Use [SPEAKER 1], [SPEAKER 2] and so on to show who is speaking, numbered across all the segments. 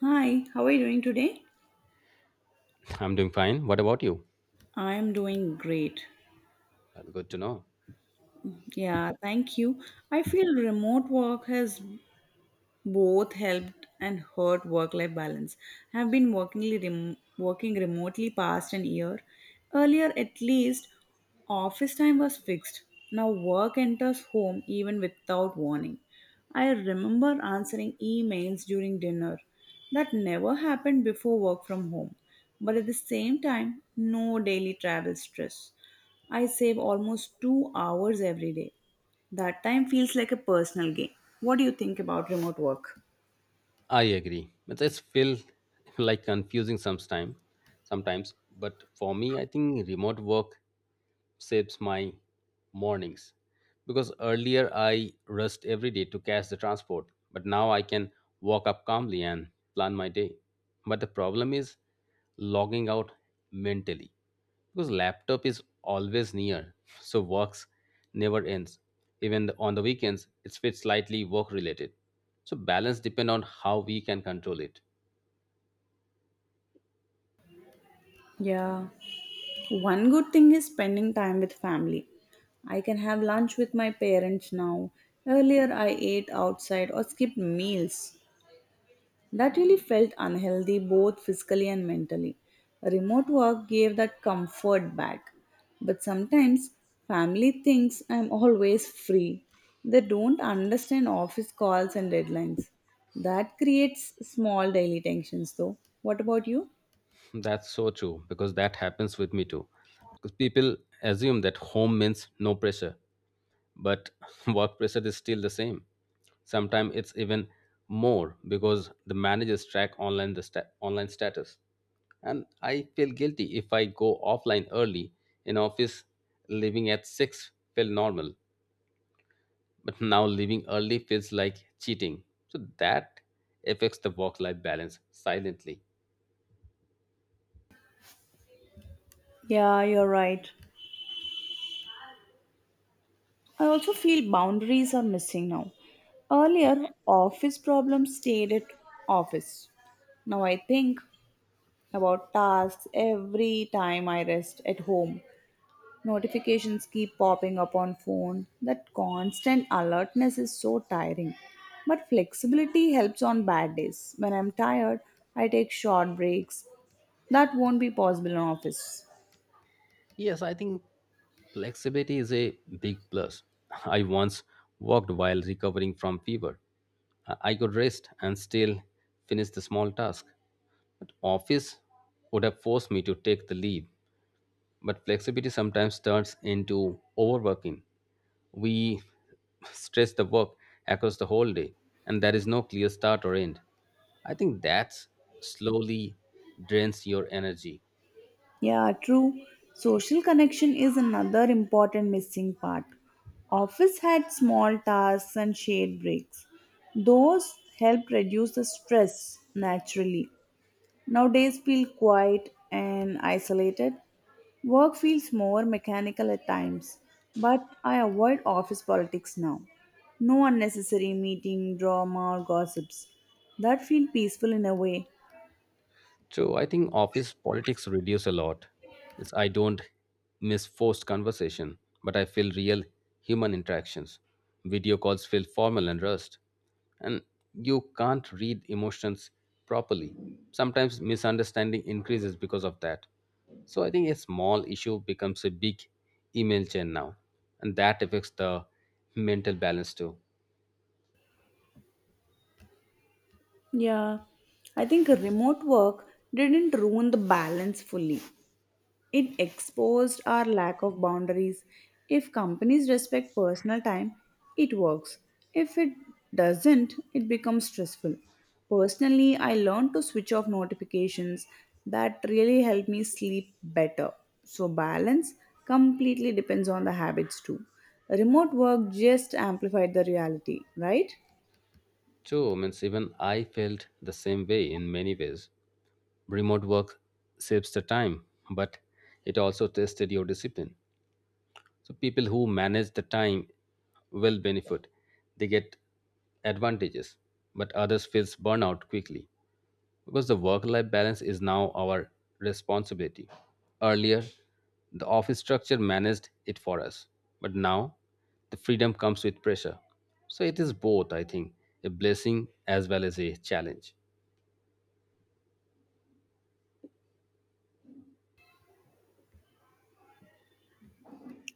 [SPEAKER 1] Hi, how are you doing today?
[SPEAKER 2] I'm doing fine. What about you?
[SPEAKER 1] I am doing great.
[SPEAKER 2] Well, good to know.
[SPEAKER 1] Yeah, thank you. I feel remote work has both helped and hurt work life balance. I have been working remotely past an year. Earlier, at least, office time was fixed. Now, work enters home even without warning. I remember answering emails during dinner. That never happened before work from home. But at the same time, no daily travel stress. I save almost 2 hours every day. That time feels like a personal gain. What do you think about remote work?
[SPEAKER 2] I agree. It just feel like confusing sometimes. But for me, I think remote work shapes my mornings because earlier I rushed every day to catch the transport, but now I can walk up calmly and plan my day. But the problem is logging out mentally because laptop is always near, so works never ends. Even on the weekends, it's fit slightly work related. So balance depend on how we can control it.
[SPEAKER 1] Yeah. One good thing is spending time with family. I can have lunch with my parents now. Earlier, I ate outside or skipped meals. That really felt unhealthy both physically and mentally. Remote work gave that comfort back. But sometimes family thinks I'm always free. They don't understand office calls and deadlines. That creates small daily tensions though. What about you?
[SPEAKER 2] That's so true because that happens with me too. Because people assume that home means no pressure, but work pressure is still the same. Sometimes it's even more because the managers track online the online status. And I feel guilty if I go offline early in office. Leaving at six felt normal, but now leaving early feels like cheating. So that affects the work life balance silently.
[SPEAKER 1] Yeah, you're right. I also feel boundaries are missing now. Earlier, office problems stayed at office. Now I think about tasks every time I rest at home. Notifications keep popping up on phone. That constant alertness is so tiring. But flexibility helps on bad days. When I'm tired, I take short breaks. That won't be possible in office.
[SPEAKER 2] Yes, I think flexibility is a big plus. I once walked while recovering from fever. I could rest and still finish the small task. But office would have forced me to take the leave. But flexibility sometimes turns into overworking. We stress the work across the whole day, and there is no clear start or end. I think that slowly drains your energy.
[SPEAKER 1] Yeah, true. Social connection is another important missing part. Office had small tasks and shade breaks. Those help reduce the stress naturally. Nowadays feel quiet and isolated. Work feels more mechanical at times, but I avoid office politics now. No unnecessary meeting, drama, or gossips. That feel peaceful in a way.
[SPEAKER 2] So I think office politics reduce a lot. It's, I don't miss forced conversation, but I feel real human interactions. Video calls feel formal and rushed, and you can't read emotions properly. Sometimes misunderstanding increases because of that. So I think a small issue becomes a big email chain now, and that affects the mental balance too.
[SPEAKER 1] Yeah, I think remote work didn't ruin the balance fully. It exposed our lack of boundaries. If companies respect personal time, it works. If it doesn't, it becomes stressful. Personally, I learned to switch off notifications. That really helped me sleep better. So, balance completely depends on the habits too. Remote work just amplified the reality, right?
[SPEAKER 2] So means even I felt the same way in many ways. Remote work saves the time, but it also tested your discipline. So people who manage the time will benefit, they get advantages, but others feels burnout quickly because the work life balance is now our responsibility. Earlier the office structure managed it for us, but now the freedom comes with pressure. So it is both, I think, a blessing as well as a challenge.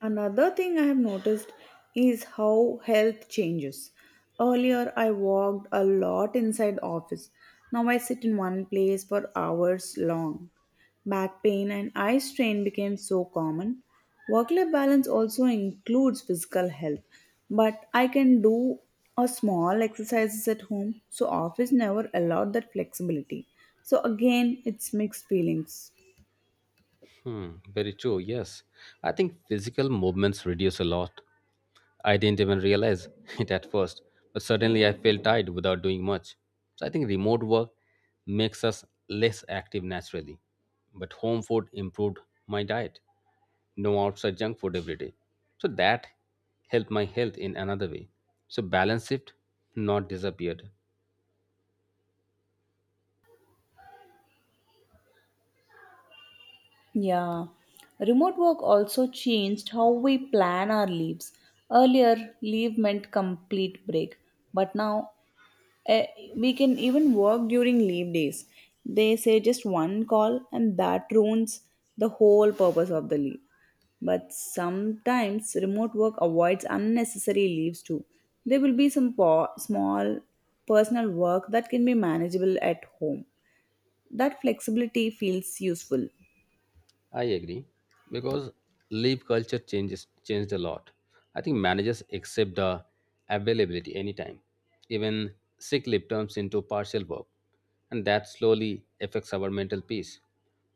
[SPEAKER 1] Another thing I have noticed is how health changes. Earlier, I walked a lot inside office. Now I sit in one place for hours long. Back pain and eye strain became so common. Work-life balance also includes physical health, but I can do a small exercises at home, so office never allowed that flexibility. So again, it's mixed feelings.
[SPEAKER 2] Hmm, very true. Yes, I think physical movements reduce a lot. I didn't even realize it at first, but suddenly I felt tired without doing much. So I think remote work makes us less active naturally, but home food improved my diet. No outside junk food every day. So that helped my health in another way. So balance shift, not disappeared.
[SPEAKER 1] Yeah. Remote work also changed how we plan our leaves. Earlier, leave meant complete break, but now eh, we can even work during leave days. They say just one call, and that ruins the whole purpose of the leave. But sometimes remote work avoids unnecessary leaves too. There will be some small personal work that can be manageable at home. That flexibility feels useful.
[SPEAKER 2] I agree because leave culture changes changed a lot. I think managers accept the availability anytime. Even sick leave turns into partial work, and that slowly affects our mental peace.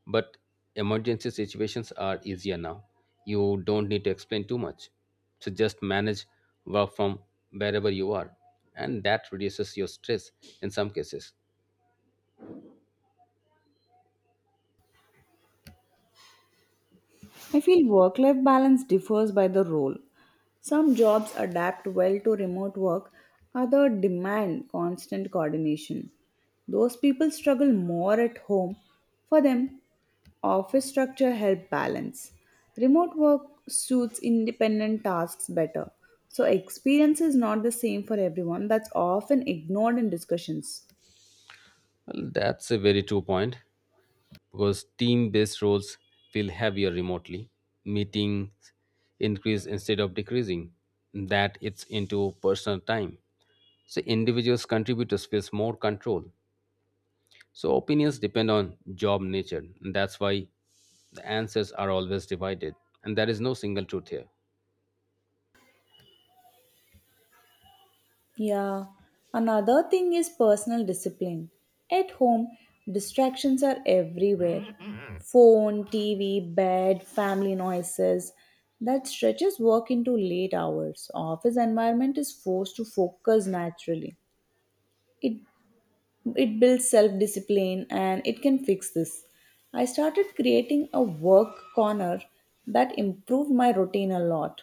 [SPEAKER 2] But emergency situations are easier now. You don't need to explain too much. So just manage work from wherever you are, and that reduces your stress in some cases.
[SPEAKER 1] I feel work life balance differs by the role. Some jobs adapt well to remote work, others demand constant coordination. Those people struggle more at home. For them, office structure helps balance. Remote work suits independent tasks better. So, experience is not the same for everyone, that's often ignored in discussions.
[SPEAKER 2] Well, that's a very true point. Because team based roles feel heavier remotely. Meetings increase instead of decreasing. That it's into personal time. So individuals contributors feels more control. So opinions depend on job nature. And that's why the answers are always divided. And there is no single truth here.
[SPEAKER 1] Yeah, another thing is personal discipline. At home, distractions are everywhere phone, TV, bed, family noises. That stretches work into late hours. Office environment is forced to focus naturally. It, it builds self discipline and it can fix this. I started creating a work corner that improved my routine a lot.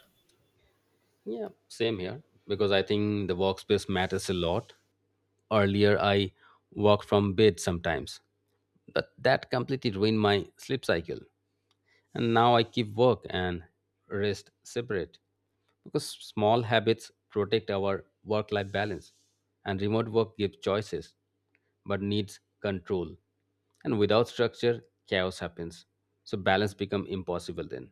[SPEAKER 2] Yeah, same here. Because I think the workspace matters a lot. Earlier I worked from bed sometimes. But that completely ruined my sleep cycle. And now I keep work and rest separate, because small habits protect our work life balance, and remote work gives choices but needs control, and without structure chaos happens, so balance become impossible then.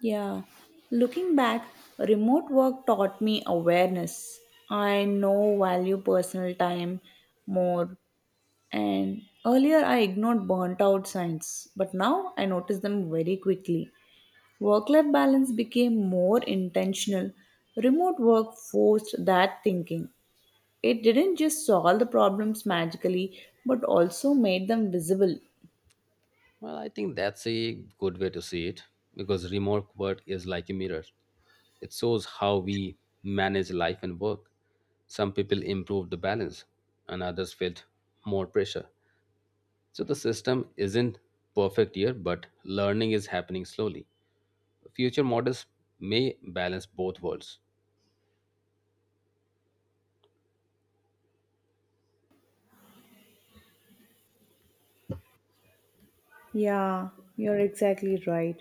[SPEAKER 1] Yeah, looking back, remote work taught me awareness. I now value personal time more. And earlier, I ignored burnt out signs, but now I notice them very quickly. Work life balance became more intentional. Remote work forced that thinking. It didn't just solve the problems magically, but also made them visible.
[SPEAKER 2] Well, I think that's a good way to see it, because remote work is like a mirror. It shows how we manage life and work. Some people improved the balance, and others felt more pressure. So the system isn't perfect here, but learning is happening slowly. Future models may balance both worlds.
[SPEAKER 1] Yeah, you're exactly right.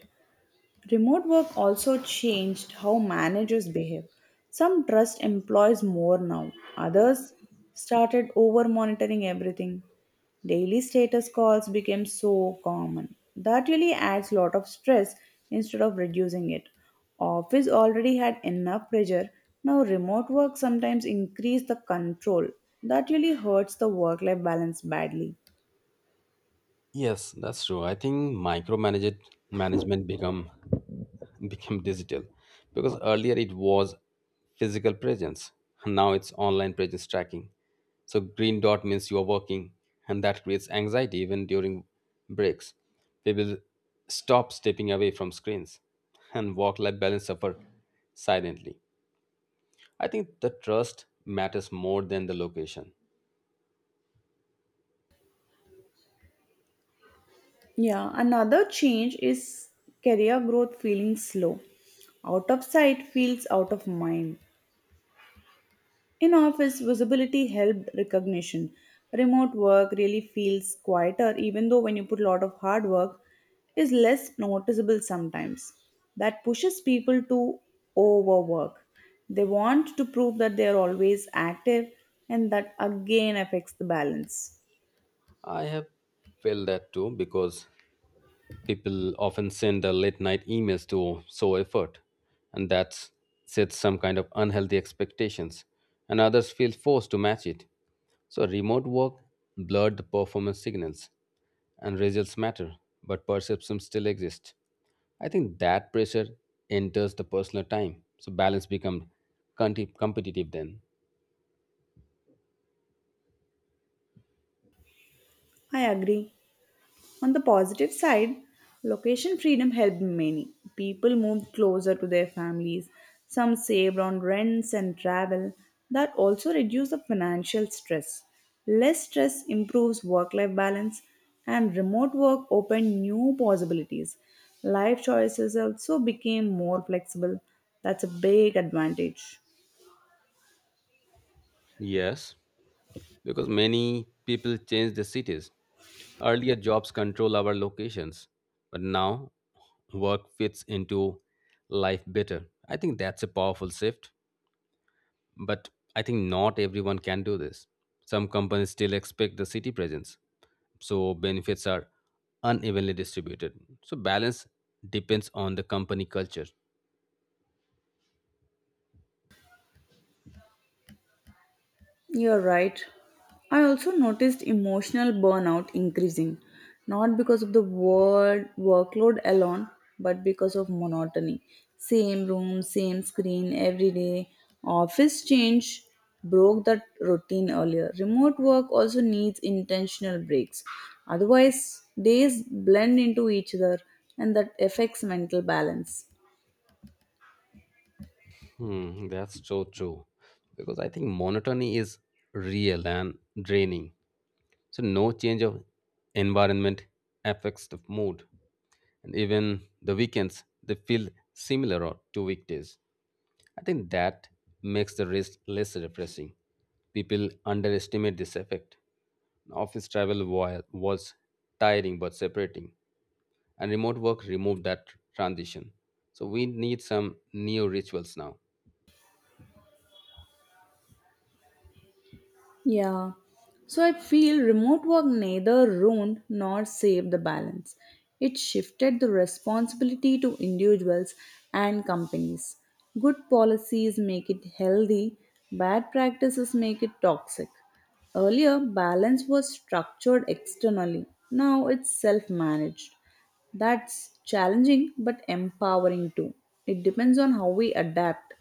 [SPEAKER 1] Remote work also changed how managers behave. Some trust employees more now, others started over monitoring everything. Daily status calls became so common. That really adds a lot of stress instead of reducing it. Office already had enough pressure. Now remote work sometimes increase the control. That really hurts the work life balance badly.
[SPEAKER 2] Yes, that's true. I think micromanaged management become digital, because earlier it was physical presence. Now it's online presence tracking. So green dot means you are working, and that creates anxiety even during breaks. People stop stepping away from screens, and work-life balance suffer silently. I think the trust matters more than the location.
[SPEAKER 1] Yeah, another change is career growth feeling slow. Out of sight feels out of mind. In office, visibility helped recognition. Remote work really feels quieter, even though when you put a lot of hard work, is less noticeable sometimes. That pushes people to overwork. They want to prove that they are always active, and that again affects the balance.
[SPEAKER 2] I have felt that too, because people often send their late night emails to show effort, and that sets some kind of unhealthy expectations, and others feel forced to match it. So, remote work blurred the performance signals, and results matter, but perception still exists. I think that pressure enters the personal time, so balance becomes competitive then.
[SPEAKER 1] I agree. On the positive side, location freedom helped many. People moved closer to their families. Some saved on rents and travel. That also reduced the financial stress. Less stress improves work life balance, and remote work opened new possibilities. Life choices also became more flexible. That's a big advantage.
[SPEAKER 2] Yes. Because many people change the cities. Earlier, jobs control our locations, but now work fits into life better. I think that's a powerful shift, but I think not everyone can do this. Some companies still expect the city presence, so benefits are unevenly distributed. So, balance depends on the company culture.
[SPEAKER 1] You're right. I also noticed emotional burnout increasing, not because of the word workload alone, but because of monotony. Same room, same screen every day. Office change broke that routine earlier. Remote work also needs intentional breaks. Otherwise, days blend into each other and that affects mental balance.
[SPEAKER 2] Hmm, that's so true. Because I think monotony is real and draining. So no change of environment affects the mood, and even the weekends they feel similar or to weekdays. I think that makes the rest less refreshing. People underestimate this effect. Office travel was tiring but separating, and remote work removed that transition. So we need some new rituals now.
[SPEAKER 1] Yeah. So I feel remote work neither ruined nor saved the balance. It shifted the responsibility to individuals and companies. Good policies make it healthy, bad practices make it toxic. Earlier, balance was structured externally, now it's self managed. That's challenging but empowering too. It depends on how we adapt.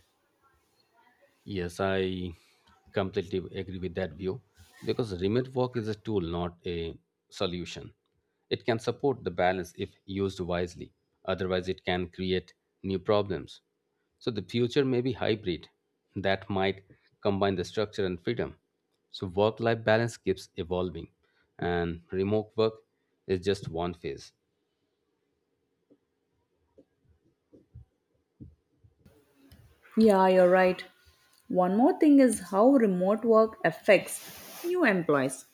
[SPEAKER 2] Yes, I completely agree with that view, because remote work is a tool, not a solution. It can support the balance if used wisely, otherwise, it can create new problems. So, the future may be hybrid that might combine the structure and freedom. So, work life balance keeps evolving, and remote work is just one phase.
[SPEAKER 1] Yeah, you're right. One more thing is how remote work affects new employees.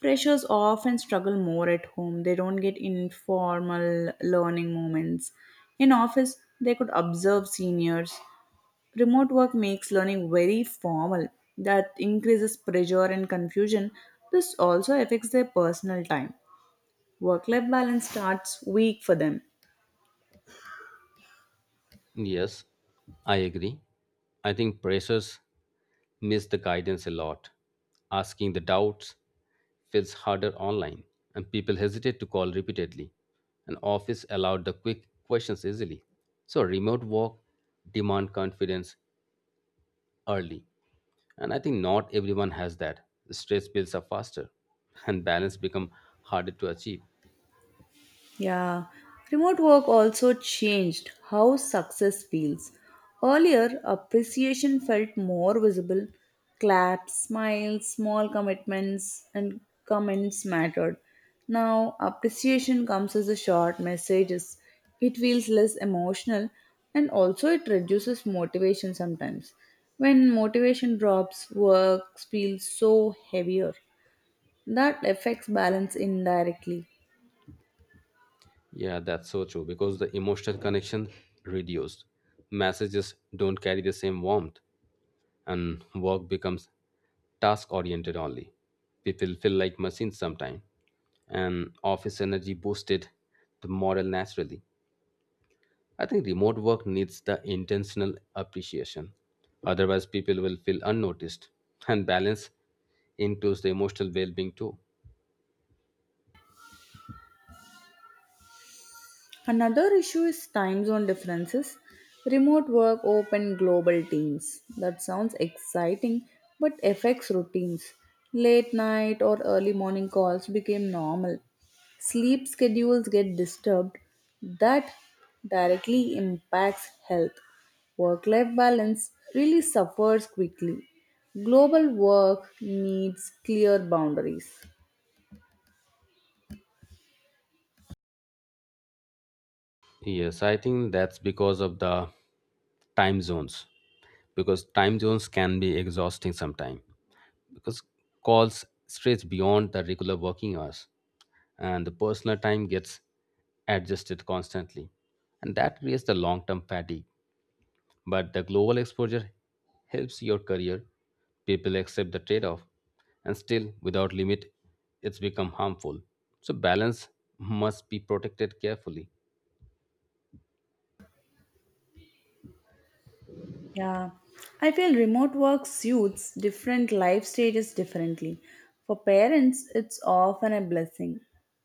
[SPEAKER 1] Freshers often struggle more at home. They don't get informal learning moments. In office, they could observe seniors. Remote work makes learning very formal. That increases pressure and confusion. This also affects their personal time. Work life balance starts weak for them.
[SPEAKER 2] Yes, I agree. I think pressers miss the guidance a lot. Asking the doubts feels harder online, and people hesitate to call repeatedly. An office allowed the quick questions easily. So remote work demand confidence early. And I think not everyone has that. Stress builds up faster and balance become harder to achieve.
[SPEAKER 1] Yeah, remote work also changed how success feels. Earlier, appreciation felt more visible. Claps, smiles, small commitments, and comments mattered. Now, appreciation comes as a short messages. It feels less emotional and also it reduces motivation sometimes. When motivation drops, work feels so heavier. That affects balance indirectly.
[SPEAKER 2] Yeah, that's so true because the emotional connection reduced. Messages don't carry the same warmth and work becomes task oriented only. People feel like machines sometimes and office energy boosted the morale naturally. I think remote work needs the intentional appreciation. Otherwise people will feel unnoticed and balance includes the emotional well-being too.
[SPEAKER 1] Another issue is time zone differences. Remote work, open global teams. That sounds exciting but affects routines. Late night or early morning calls became normal. Sleep schedules get disturbed. That directly impacts health. Work life balance really suffers quickly. Global work needs clear boundaries.
[SPEAKER 2] Yes, I think that's because of the time zones. Because time zones can be exhausting sometimes, because calls stretch beyond the regular working hours, and the personal time gets adjusted constantly, and that creates the long-term fatigue. But the global exposure helps your career, people accept the trade-off, and still without limit it's become harmful. So balance must be protected carefully.
[SPEAKER 1] Yeah, I feel remote work suits different life stages differently. For parents, it's often a blessing.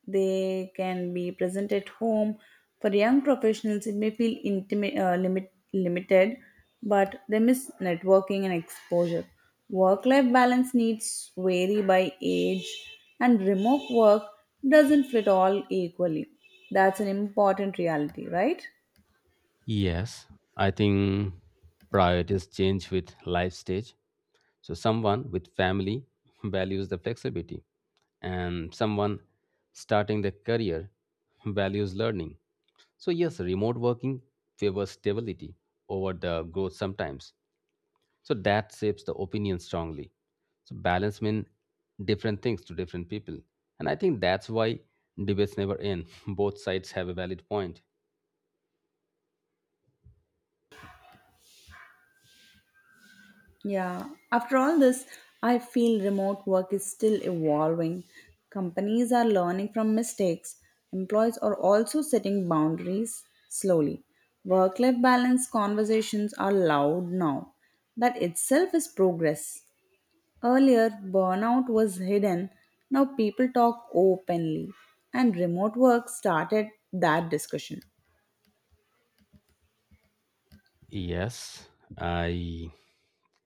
[SPEAKER 1] They can be present at home. For young professionals, it may feel limited, but they miss networking and exposure. Work life balance needs vary by age, and remote work doesn't fit all equally. That's an important reality, right?
[SPEAKER 2] Yes, I think priorities change with life stage. So someone with family values the flexibility, and someone starting their career values learning. So yes, remote working favors stability over the growth sometimes. So that shapes the opinion strongly. So balance means different things to different people. And I think that's why debates never end. Both sides have a valid point.
[SPEAKER 1] Yeah, after all this, I feel remote work is still evolving. Companies are learning from mistakes. Employees are also setting boundaries slowly. Work life balance conversations are loud now. That itself is progress. Earlier, burnout was hidden. Now people talk openly, and remote work started that discussion.
[SPEAKER 2] Yes, I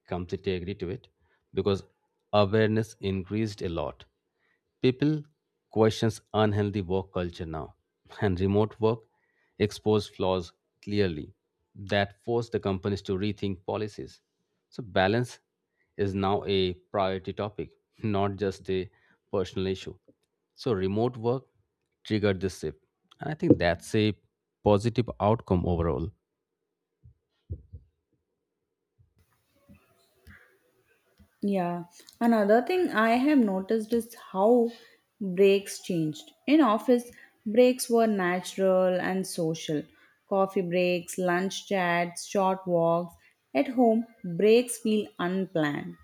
[SPEAKER 2] completely agree to it because awareness increased a lot. People questions unhealthy work culture now, and remote work exposed flaws clearly, that forced the companies to rethink policies. So balance is now a priority topic, not just a personal issue. So remote work triggered this shift, and I think that's a positive outcome overall.
[SPEAKER 1] Yeah. Another thing I have noticed is how breaks changed. In office, breaks were natural and social. Coffee breaks, lunch chats, short walks. At home, breaks feel unplanned.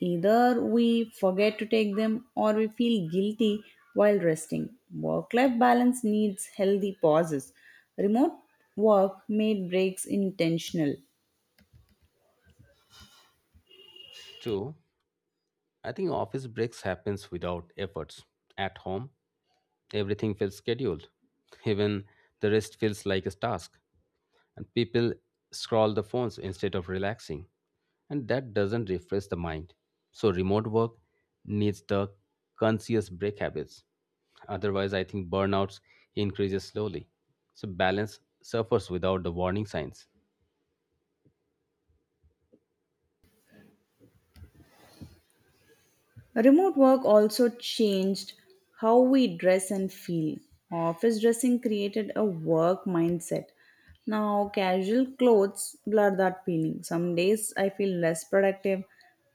[SPEAKER 1] Either we forget to take them or we feel guilty while resting. Work life balance needs healthy pauses. Remote work made breaks intentional.
[SPEAKER 2] True, I think office breaks happens without efforts. At home, everything feels scheduled. Even the rest feels like a task. And people scroll the phones instead of relaxing. And that doesn't refresh the mind. So remote work needs the conscious break habits. Otherwise, I think burnouts increases slowly. So balance suffers without the warning signs.
[SPEAKER 1] Remote work also changed how we dress and feel. Office dressing created a work mindset. Now, casual clothes blur that feeling. Some days I feel less productive,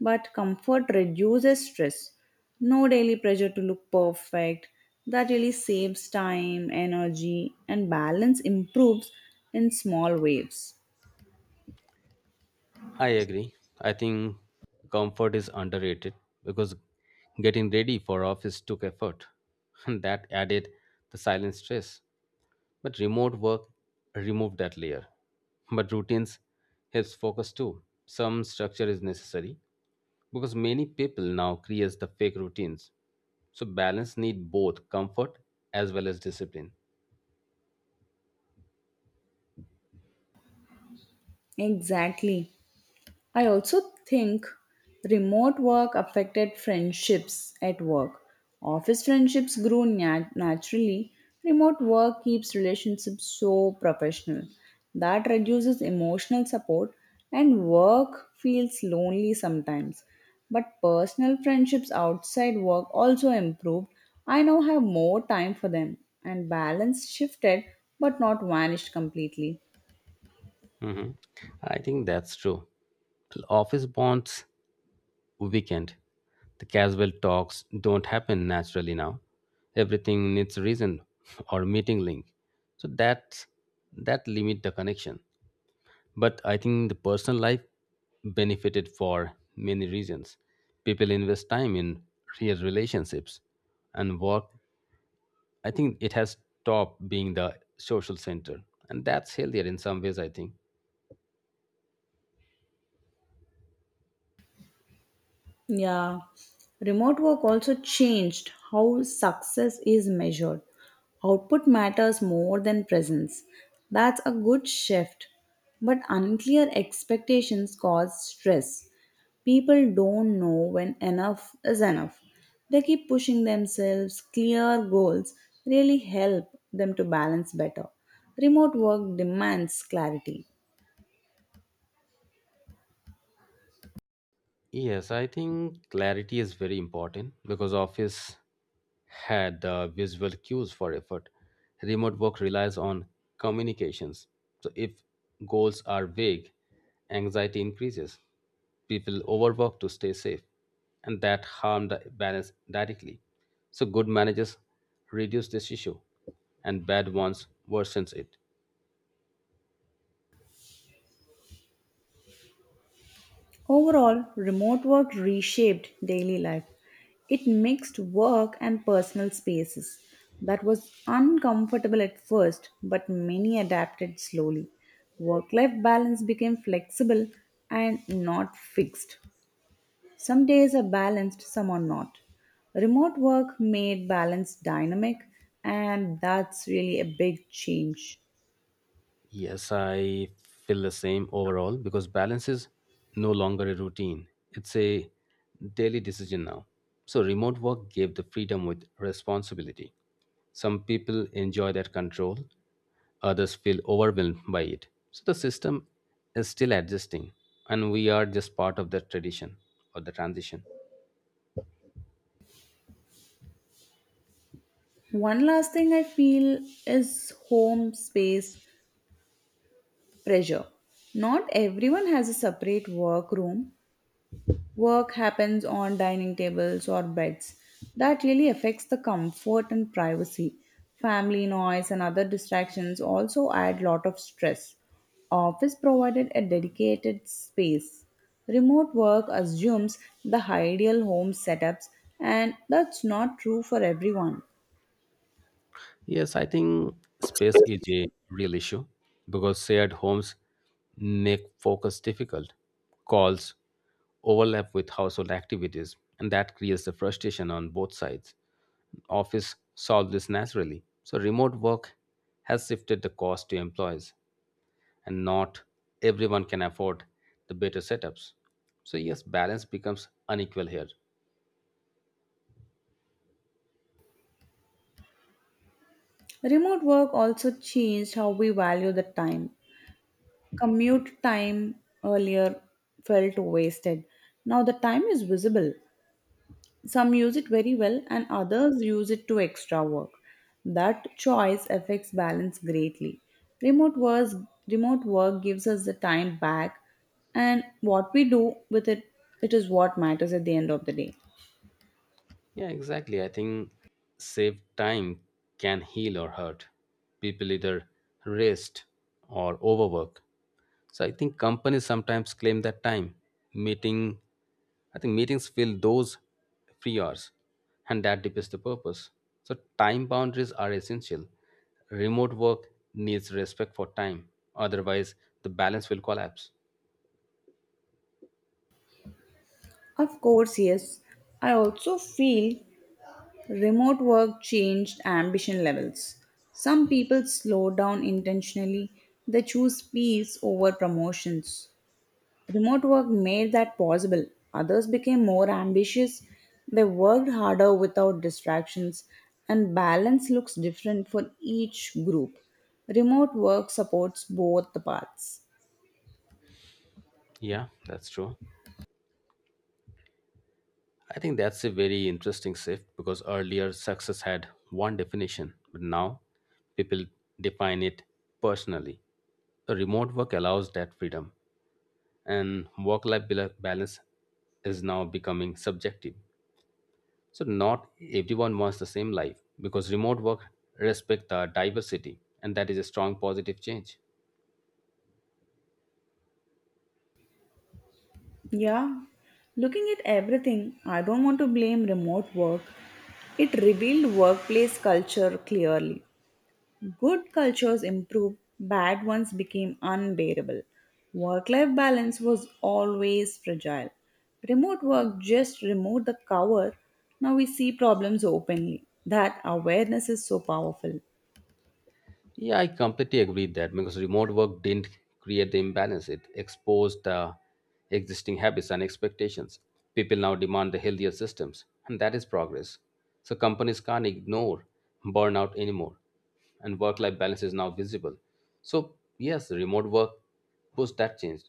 [SPEAKER 1] but comfort reduces stress. No daily pressure to look perfect. That really saves time, energy, and balance improves in small ways.
[SPEAKER 2] I agree. I think comfort is underrated because getting ready for office took effort. And that added the silent stress. But remote work removed that layer. But routines helps focus too. Some structure is necessary because many people now create the fake routines. So balance need both comfort as well as discipline.
[SPEAKER 1] Exactly. I also think remote work affected friendships at work. Office friendships grew naturally. Remote work keeps relationships so professional. That reduces emotional support, and work feels lonely sometimes. But personal friendships outside work also improved. I now have more time for them, and balance shifted but not vanished completely.
[SPEAKER 2] Mhm. I think that's true. Office bonds weekend. The casual talks don't happen naturally now. Everything needs reason or meeting link. So that limit the connection. But I think the personal life benefited for many reasons. People invest time in real relationships and work. I think it has stopped being the social center. And that's healthier in some ways, I think.
[SPEAKER 1] Yeah. Remote work also changed how success is measured. Output matters more than presence. That's a good shift. But unclear expectations cause stress. People don't know when enough is enough. They keep pushing themselves. Clear goals really help them to balance better. Remote work demands clarity.
[SPEAKER 2] Yes, I think clarity is very important because office had visual cues for effort. Remote work relies on communications. So if goals are vague, anxiety increases. People overwork to stay safe, and that harm the balance directly. So good managers reduce this issue, and bad ones worsens it.
[SPEAKER 1] Overall, remote work reshaped daily life. It mixed work and personal spaces. That was uncomfortable at first, but many adapted slowly. Work life balance became flexible and not fixed. Some days are balanced, some are not. Remote work made balance dynamic, and that's really a big change.
[SPEAKER 2] Yes, I feel the same overall because balance is no longer a routine. It's a daily decision now. So, remote work gave the freedom with responsibility. Some people enjoy that control, others feel overwhelmed by it. So, the system is still adjusting, and we are just part of that tradition or the transition.
[SPEAKER 1] One last thing I feel is home space pressure. Not everyone has a separate workroom. Work happens on dining tables or beds. That really affects the comfort and privacy. Family noise and other distractions also add lot of stress. Office provided a dedicated space. Remote work assumes the ideal home setups, and that's not true for everyone.
[SPEAKER 2] Yes, I think space is a real issue because shared homes make focus difficult. Calls overlap with household activities, and that creates the frustration on both sides. Office solved this naturally. So, remote work has shifted the cost to employees, and not everyone can afford the better setups. So, yes, balance becomes unequal here.
[SPEAKER 1] Remote work also changed how we value the time. Commute time earlier felt wasted. Now the time is visible. Some use it very well, and others use it to extra work. That choice affects balance greatly. Remote work, remote work gives us the time back, and what we do with it, it is what matters at the end of the day.
[SPEAKER 2] Yeah, exactly. I think save time can heal or hurt. People either rest or overwork. So I think companies sometimes claim that time. Meeting, I think meetings fill those free hours, and that defeats the purpose. So time boundaries are essential. Remote work needs respect for time, otherwise the balance will collapse.
[SPEAKER 1] Of course, yes. I also feel remote work changed ambition levels. Some people slow down intentionally, they choose peace over promotions. Remote work made that possible. Others became more ambitious, they worked harder without distractions, and balance looks different for each group. Remote work supports both the paths.
[SPEAKER 2] Yeah, that's true. I think that's a very interesting shift because earlier success had one definition, but now people define it personally. The remote work allows that freedom, and work life balance is now becoming subjective. So, not everyone wants the same life because remote work respects the diversity, and that is a strong positive change.
[SPEAKER 1] Yeah, looking at everything, I don't want to blame remote work. It revealed workplace culture clearly. Good cultures improved, bad ones became unbearable. Work life balance was always fragile. Remote work just removed the cover. Now we see problems openly. That awareness is so powerful.
[SPEAKER 2] Yeah, I completely agree that because remote work didn't create the imbalance, it exposed existing habits and expectations. People now demand the healthier systems, and that is progress. So companies can't ignore burnout anymore, and work-life balance is now visible. So yes, remote work pushed that change.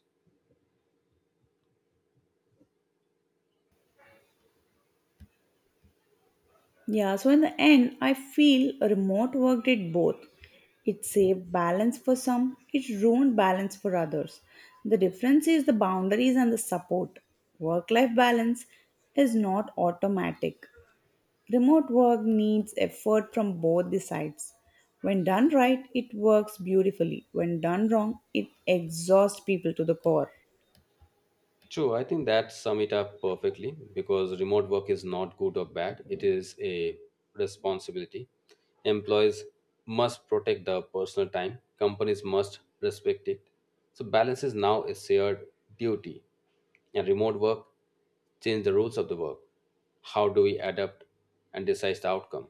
[SPEAKER 1] Yeah, so in the end, I feel remote work did both. It saved balance for some, it ruined balance for others. The difference is the boundaries and the support. Work life balance is not automatic, remote work needs effort from both the sides. When done right, it works beautifully. When done wrong, it exhausts people to the core.
[SPEAKER 2] True, I think that sum it up perfectly because remote work is not good or bad. It is a responsibility. Employees must protect their personal time. Companies must respect it. So balance is now a shared duty. And remote work change the rules of the work. How do we adapt and decide the outcome?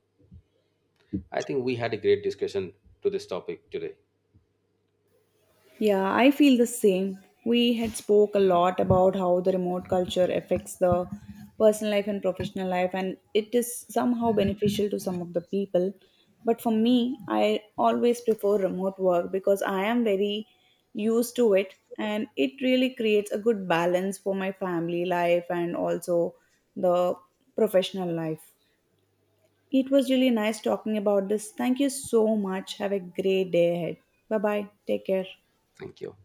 [SPEAKER 2] I think we had a great discussion to this topic today.
[SPEAKER 1] Yeah, I feel the same. We had spoke a lot about how the remote culture affects the personal life and professional life and it is somehow beneficial to some of the people. But for me, I always prefer remote work because I am very used to it and it really creates a good balance for my family life and also the professional life. It was really nice talking about this. Thank you so much. Have a great day ahead. Bye bye. Take care.
[SPEAKER 2] Thank you.